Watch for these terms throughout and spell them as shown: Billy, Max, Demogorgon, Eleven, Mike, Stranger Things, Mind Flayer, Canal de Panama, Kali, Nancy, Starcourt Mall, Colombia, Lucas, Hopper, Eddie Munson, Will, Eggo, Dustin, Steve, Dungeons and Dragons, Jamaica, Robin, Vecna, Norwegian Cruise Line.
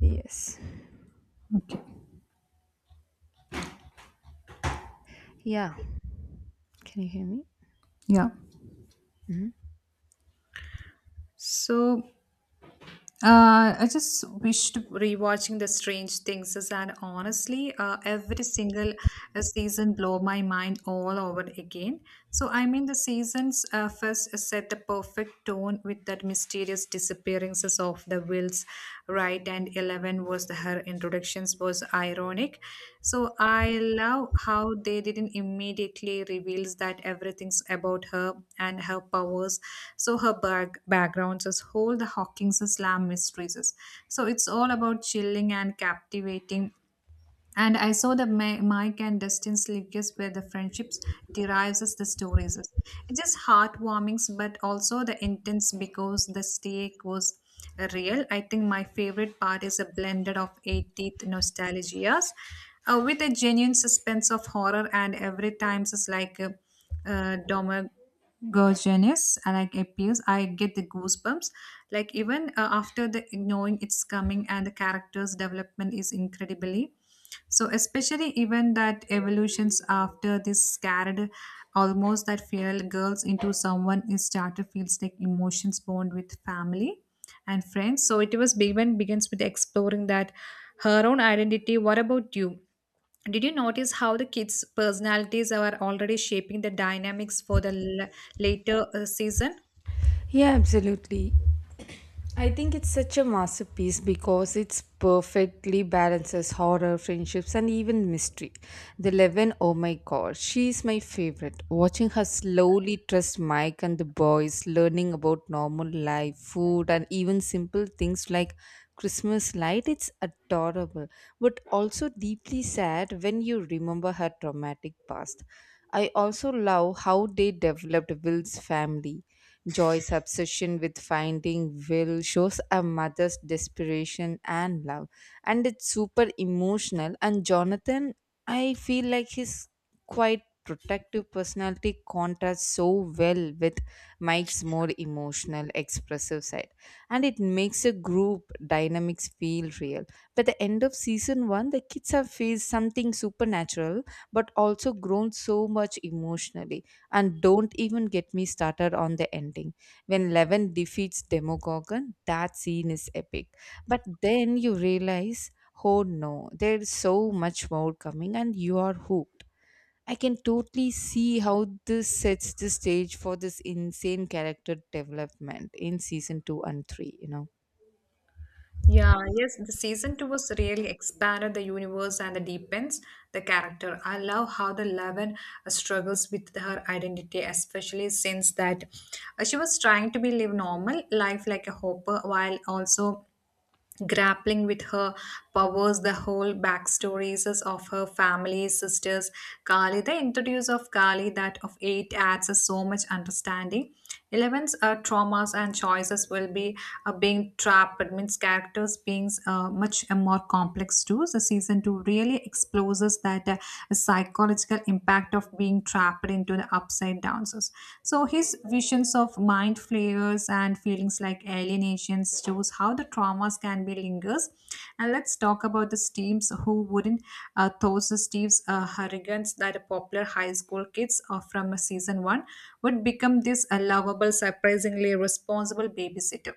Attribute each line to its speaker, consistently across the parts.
Speaker 1: Yes.
Speaker 2: Okay.
Speaker 1: Yeah. Can you hear me?
Speaker 2: Yeah.
Speaker 1: Mhm.
Speaker 2: So I just wished rewatching the Strange Things is, and honestly, every single season blow my mind all over again. The seasons first set the perfect tone with that mysterious disappearances of the wills, right, and 11. 11 was the, her introductions was ironic, so I love how they didn't immediately reveals that everything's about her and her powers. So her backgrounds is whole the hawking's slam mysteries, so it's all about chilling and captivating. And I saw the Mike and Dustin's lives where the friendships derives as the stories. It's just heartwarming, but also the intense because the stake was real. I think my favorite part is a blended of 80th nostalgias with a genuine suspense of horror, and every time it's like Domer Gorgeous, I like appears. I get the goosebumps. Like even after the knowing it's coming, and the character's development is incredibly so, especially even that evolutions after this scared almost that fear girls into someone is started feels like emotions bond with family and friends. So it was even begins with exploring that her own identity. What about you? Did you notice how the kids' personalities are already shaping the dynamics for the later season?
Speaker 1: Yeah, absolutely. I think it's such a masterpiece because it's perfectly balances horror, friendships, and even mystery. The Eleven, oh my god, she's my favorite. Watching her slowly trust Mike and the boys, learning about normal life, food, and even simple things like Christmas light, it's adorable, but also deeply sad when you remember her traumatic past. I also love how they developed Will's family, Joy's obsession with finding Will shows a mother's desperation and love, and it's super emotional. And Jonathan, I feel like his quite protective personality contrasts so well with Mike's more emotional, expressive side, and it makes a group dynamics feel real. By the end of season one, the kids have faced something supernatural but also grown so much emotionally, and don't even get me started on the ending. When Levin defeats Demogorgon, that scene is epic. But then you realize, oh no, there's so much more coming, and you are hooked. I can totally see how this sets the stage for this insane character development in season two and three, you know.
Speaker 2: Yeah, yes, the season two was really expanded the universe and the deepens the character. I love how the 11 struggles with her identity, especially since that she was trying to be live normal life like a hopper, while also grappling with her powers, the whole backstories of her family, sisters, Kali. The introduce of Kali, that of eight, adds us so much understanding. 11's traumas and choices will be being trapped, means characters being much more complex too. The season two really explores that psychological impact fact of being trapped into the upside downs. So his visions of mind flares and feelings like alienations shows how the traumas can be lingers. And let's talk about the Steves, who wouldn't, those Steves hurricanes that are popular high school kids from season one would become this lovable, surprisingly responsible babysitter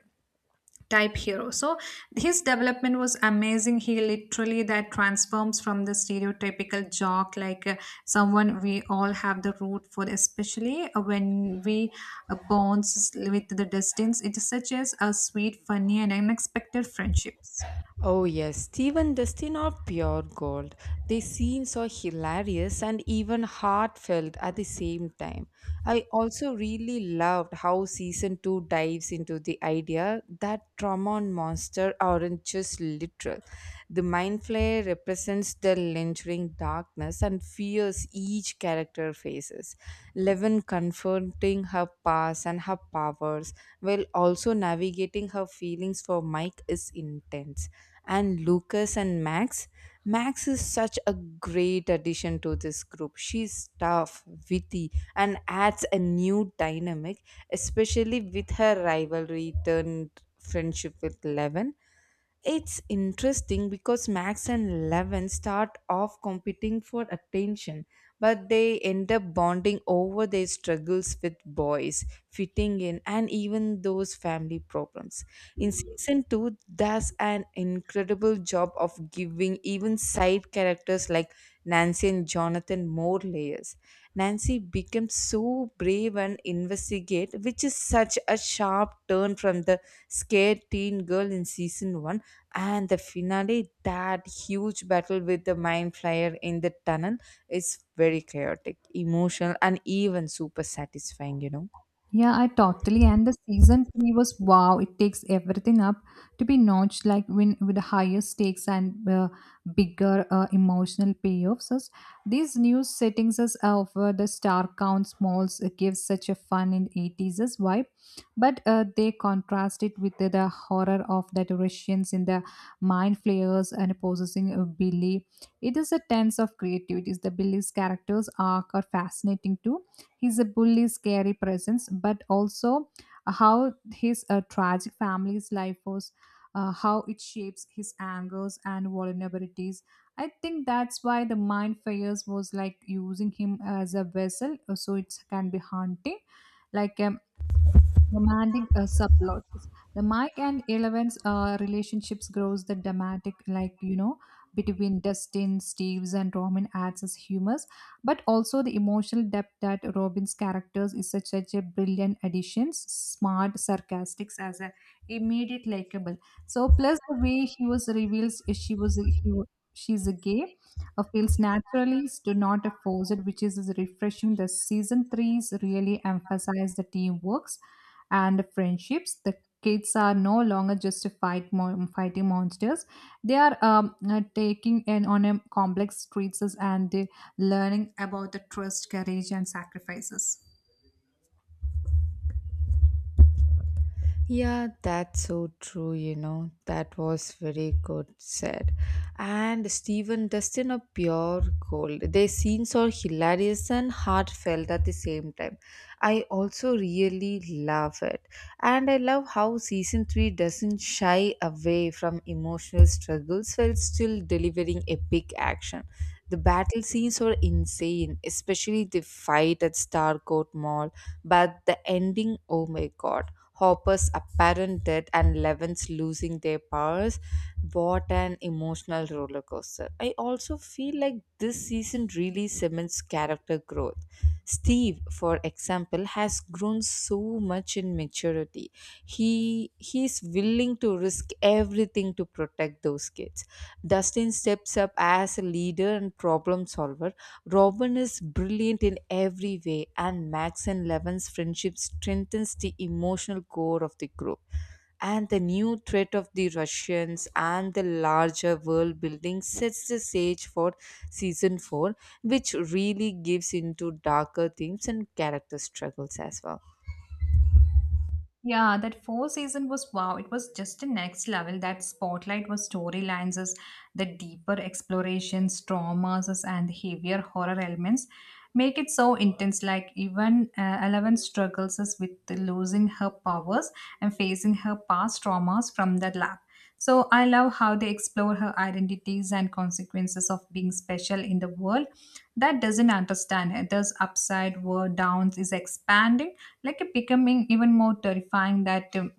Speaker 2: type hero. So his development was amazing. He literally that transforms from the stereotypical jock, like someone we all have the root for, especially when we bonds with the distance. It is such as a sweet, funny, and unexpected friendships.
Speaker 1: Oh yes, Stephen, Dustin, are pure gold. The scenes are hilarious and even heartfelt at the same time. I also really loved how season 2 dives into the idea that trauma and monster aren't just literal. The mind flare represents the lingering darkness and fears each character faces. Levin confronting her past and her powers while also navigating her feelings for Mike is intense, and Lucas and Max. Max is such a great addition to this group. She's tough, witty, and adds a new dynamic, especially with her rivalry turned friendship with Levin. It's interesting because Max and Levin start off competing for attention, but they end up bonding over their struggles with boys, fitting in, and even those family problems. In season 2, does an incredible job of giving even side characters like Nancy and Jonathan more layers. Nancy becomes so brave and investigate, which is such a sharp turn from the scared teen girl in season 1, and the finale, that huge battle with the mind flyer in the tunnel, is very chaotic, emotional, and even super satisfying, you know.
Speaker 2: Yeah, I totally. And the season three was wow. It takes everything up to be notched, like when with the higher stakes and bigger emotional payoffs. As these new settings as over the star count malls gives such a fun and 80s as vibe, but they contrast it with the horror of that Russians in the mind flayers and possessing Billy. It is a tense of creativity. The Billy's characters arc are fascinating too, he's a bully scary presence, but also how his tragic family's life was, how it shapes his angers and vulnerabilities. I think that's why the mind fires was like using him as a vessel, so it can be haunting. like um, Romantic subplots. The Mike and 11's relationships grows the dramatic, like you know, between Dustin, Steve's, and Robin adds his humors, but also the emotional depth. That Robin's characters is such, such a brilliant addition, smart, sarcastic, as a immediate likable. So plus the way he was reveals if she was a- he wa- she's a gay. Feels naturally, do not force it, which is refreshing. The season threes really emphasize the teamwork and friendships. The kids are no longer just fighting monsters. They are taking in on a complex streets, and they learning about the trust, courage, and sacrifices.
Speaker 1: Yeah, that's so true, you know. That was very good said. And Stephen Dustin are pure gold. Their scenes are hilarious and heartfelt at the same time. I also really love it. And I love how season 3 doesn't shy away from emotional struggles while still delivering epic action. The battle scenes were insane, especially the fight at Starcourt Mall. But the ending, oh my god, Hopper's apparent death and Levin's losing their powers. What an emotional roller coaster. I also feel like this season really cements character growth. Steve, for example, has grown so much in maturity. He's willing to risk everything to protect those kids. Dustin steps up as a leader and problem solver, Robin is brilliant in every way, and Max and Levin's friendship strengthens the emotional core of the group. And the new threat of the Russians and the larger world building sets the stage for season 4, which really gives into darker themes and character struggles as well.
Speaker 2: Yeah, that four season was wow. It was just the next level. That spotlight was storylines, as the deeper explorations, traumas, and heavier horror elements make it so intense. Like even 11 struggles as with losing her powers and facing her past traumas from the lab. So I love how they explore her identities and consequences of being special in the world that doesn't understand it. This upside, were downs is expanding, like a becoming even more terrifying that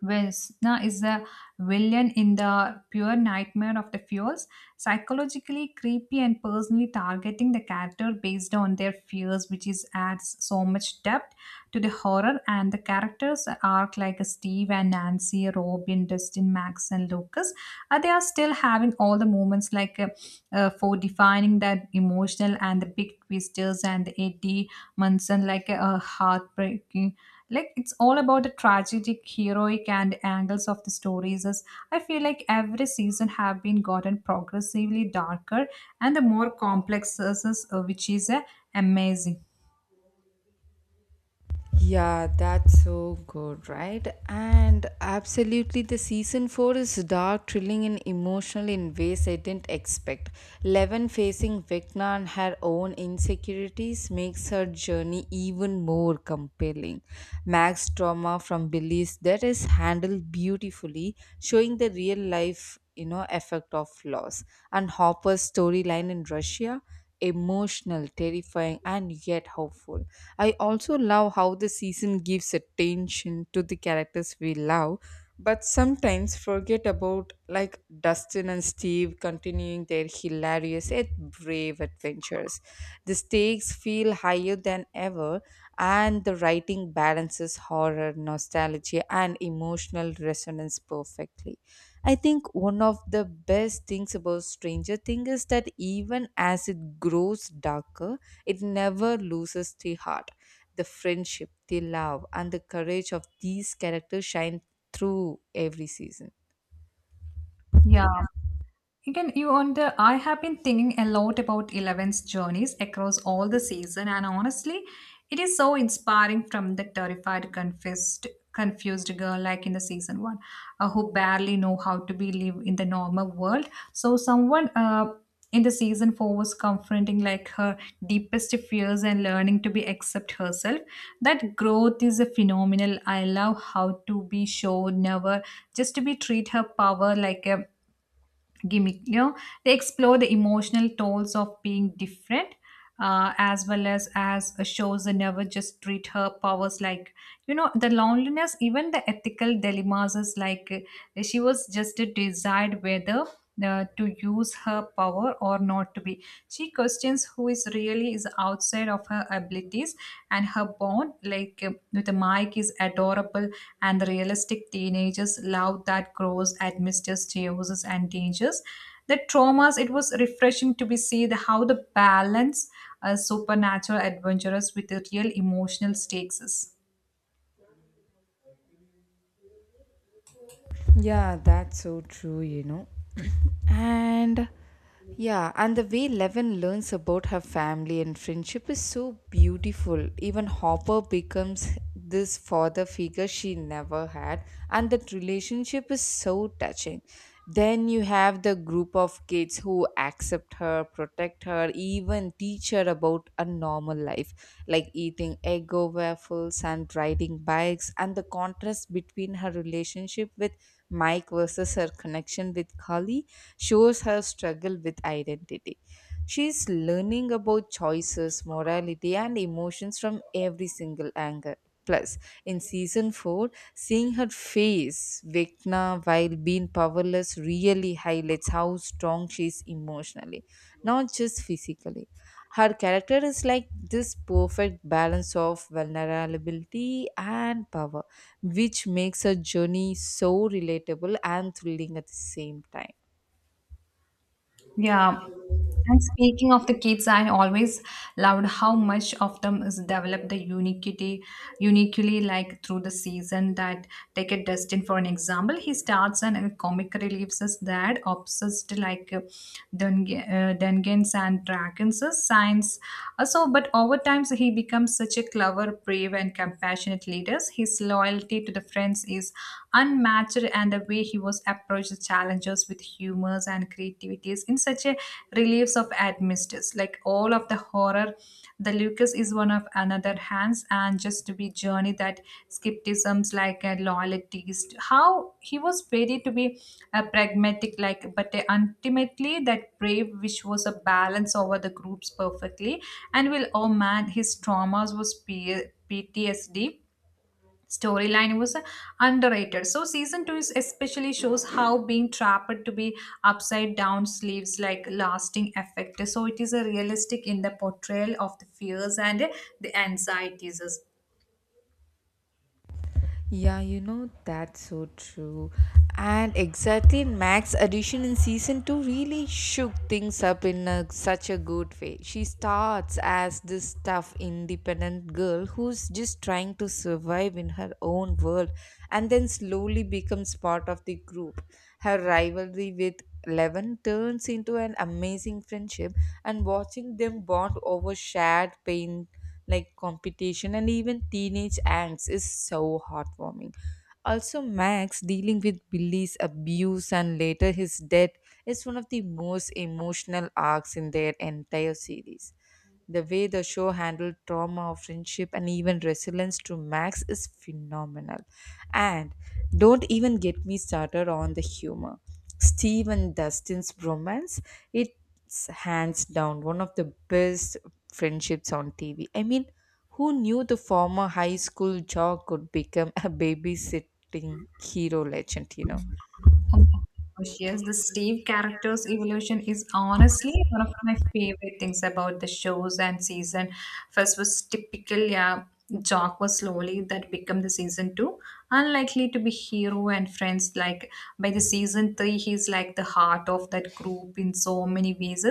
Speaker 2: where Sna is the villain in the pure nightmare of the fears, psychologically creepy and personally targeting the character based on their fears, which is adds so much depth to the horror. And the characters arc like Steve and Nancy, Robin, Dustin, Max, and Lucas. They are still having all the moments like for defining that emotional and the big twisters, and the Eddie Munson like a heartbreaking, like it's all about the tragic heroic and angles of the stories. As I feel like every season have been gotten progressively darker and the more complex, which is amazing.
Speaker 1: Yeah, that's so good, right? And absolutely, the season 4 is dark, thrilling, and emotional in ways I didn't expect. Levin facing Vecna and her own insecurities makes her journey even more compelling. Max's trauma from Billy's death is handled beautifully, showing the real life, you know, effect of loss, and Hopper's storyline in Russia, emotional, terrifying, and yet hopeful. I also love how the season gives attention to the characters we love, but sometimes forget about, like Dustin and Steve continuing their hilarious yet brave adventures. The stakes feel higher than ever, and the writing balances horror, nostalgia, and emotional resonance perfectly. I think one of the best things about Stranger Things is that even as it grows darker, it never loses the heart. The friendship, the love, and the courage of these characters shine through every season.
Speaker 2: Yeah. Again, you wonder. I have been thinking a lot about 11's journeys across all the season, and honestly, it is so inspiring from the terrified, confused girl like in the season one, who barely know how to be live in the normal world. So someone in the season four was confronting like her deepest fears and learning to be accept herself. That growth is a phenomenal. I love how to be shown never just to be treat her power like a gimmick, you know, they explore the emotional tolls of being different, as well as shows they never just treat her powers like, you know, the loneliness, even the ethical dilemmas is like, she was just a desired weather to use her power or not to be. She questions who is really is outside of her abilities, and her bond, like with Mike, is adorable, and the realistic teenagers love that grows amidst chaoses and dangers. The traumas. It was refreshing to be see the how the balance a supernatural adventurous with the real emotional stakes is.
Speaker 1: Yeah, that's so true, you know. And yeah, and the way Levin learns about her family and friendship is so beautiful. Even Hopper becomes this father figure she never had, and that relationship is so touching. Then you have the group of kids who accept her, protect her, even teach her about a normal life, like eating Eggo waffles and riding bikes, and the contrast between her relationship with Mike versus her connection with Kali shows her struggle with identity. She's learning about choices, morality, and emotions from every single angle. Plus, in season 4, seeing her face Vecna while being powerless really highlights how strong she is emotionally, not just physically. Her character is like this perfect balance of vulnerability and power, which makes her journey so relatable and thrilling at the same time.
Speaker 2: Yeah. And speaking of the kids, I always loved how much of them is developed the uniquity, uniquely like through the season. That take a Dustin for an example. He starts and a comic relieves us that obsessed like Dungans and Dragons signs. So, but over time, so he becomes such a clever, brave, and compassionate leader. His loyalty to the friends is unmatched, and the way he was approached the challenges with humors and creativities in such a reliefs of atmospheres. Like all of the horror, the Lucas is one of another hands, and just to be journey that skepticisms like a loyalties. How he was ready to be a pragmatic, like, but ultimately that brave, which was a balance over the groups perfectly. And will, oh man, his traumas was PTSD storyline was underrated. So season 2 is especially shows how being trapped to be upside down sleeves like lasting effect. So it is a realistic in the portrayal of the fears and the anxieties.
Speaker 1: Yeah, you know, that's so true. And exactly, Mac's addition in season 2 really shook things up in such a good way. She starts as this tough, independent girl who's just trying to survive in her own world, and then slowly becomes part of the group. Her rivalry with Eleven turns into an amazing friendship, and watching them bond over shared pain, like competition and even teenage angst, is so heartwarming. Also, Max dealing with Billy's abuse and later his death is one of the most emotional arcs in their entire series. The way the show handled trauma, friendship, and even resilience to Max is phenomenal. And don't even get me started on the humor. Steve and Dustin's bromance, it's hands down one of the best friendships on TV. I mean, who knew the former high school jock could become a babysitting hero legend, you know?
Speaker 2: Oh my gosh, yes, the Steve character's evolution is honestly one of my favorite things about the shows and season. First was typical, yeah, Jock was slowly that become the season two. Unlikely to be hero and friends, like by the season three, he's like the heart of that group in so many ways.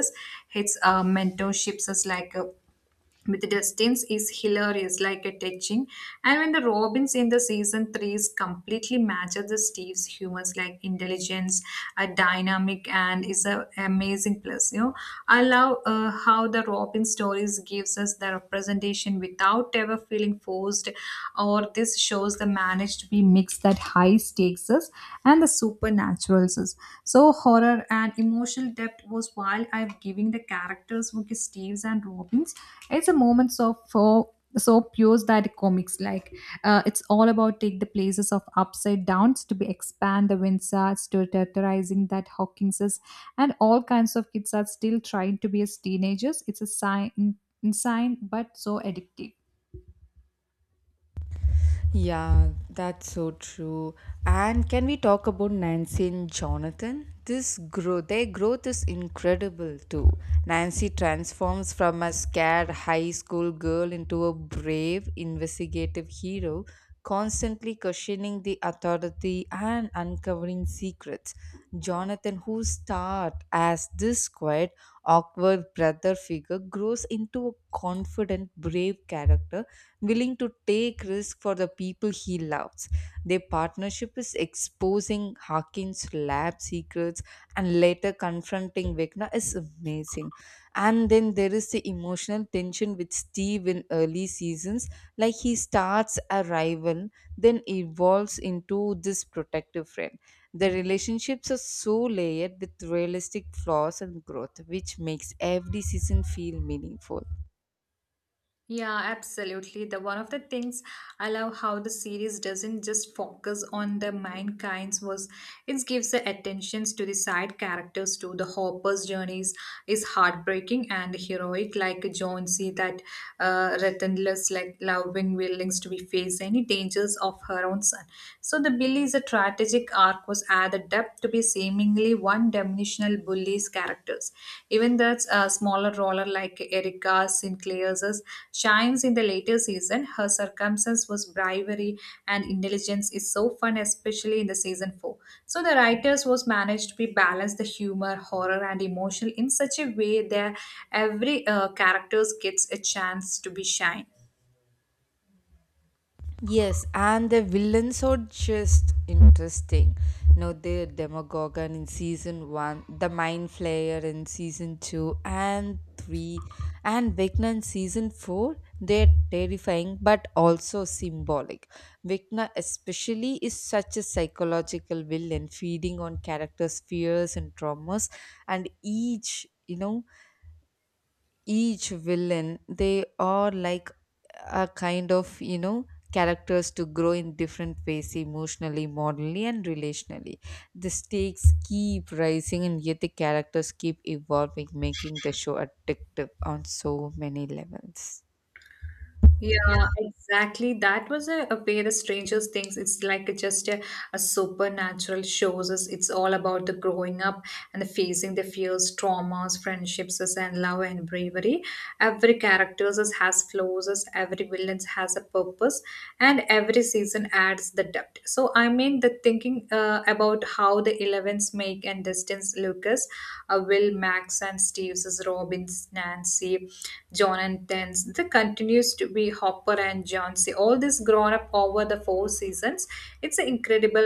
Speaker 2: His mentorships is like a with the distance is hilarious, like a touching. And when the Robins in the season threes completely matches the Steve's humors, like intelligence, a dynamic, and is a amazing plus. You know, I love how the Robin stories gives us the representation without ever feeling forced, or this shows the managed to be mixed that high stakes us and the supernatural. So horror and emotional depth was while I am giving the characters were Steve's and Robin's. It's a moments of for so pure that comics like, it's all about take the places of upside downs to be expand the windsars to terrorizing that Hawkinses, and all kinds of kids are still trying to be as teenagers. It's a sign insane, but so addictive.
Speaker 1: Yeah, that's so true. And can we talk about Nancy and Jonathan? This growth, their growth is incredible too. Nancy transforms from a scared high school girl into a brave investigative hero, constantly questioning the authority and uncovering secrets. Jonathan, who starts as this quiet, awkward brother figure, grows into a confident, brave character willing to take risk for the people he loves. Their partnership is exposing Harkin's lab secrets and later confronting Vecna is amazing. And then there is the emotional tension with Steve in early seasons, like he starts a rival, then evolves into this protective friend. The relationships are so layered with realistic flaws and growth, which makes every season feel meaningful.
Speaker 2: Yeah, absolutely. The one of the things I love how the series doesn't just focus on the mankind's was, it gives the attentions to the side characters. To the Hopper's journeys is heartbreaking and heroic, like John C. that relentless, like loving willings to be face any dangers of her own son. So the Billy's a tragic arc was added depth to be seemingly one-dimensional bullies characters. Even the smaller roller like Erica Sinclair's shines in the later season. Her circumstance was bravery and intelligence is so fun, especially in the season four. So the writers was managed to be balanced the humor, horror, and emotional in such a way that every characters gets a chance to be shine.
Speaker 1: Yes, and the villains are just interesting. No, the Demogorgon in season one, the Mind Flayer in season two and three, and Vecna in season four. They're terrifying but also symbolic. Vecna, especially, is such a psychological villain, feeding on characters' fears and traumas, and each each villain, they are like a kind of, you know, characters to grow in different ways, emotionally, morally, and relationally. The stakes keep rising, and yet the characters keep evolving, making the show addictive on so many levels.
Speaker 2: Yeah, exactly. That was a pair of strangers things. It's like just a supernatural shows us. It's all about the growing up and the facing the fears, traumas, friendships, us, and love and bravery. Every character has flaws. Us, every villain has a purpose, and every season adds the depth. So I mean, the thinking about how the Elevens make and distance Lucas, Will, Max, and Steve's, Robbins, Nancy, John, and Tens, the continues to be Hopper and John. See, all this grown up over the four seasons. It's incredible.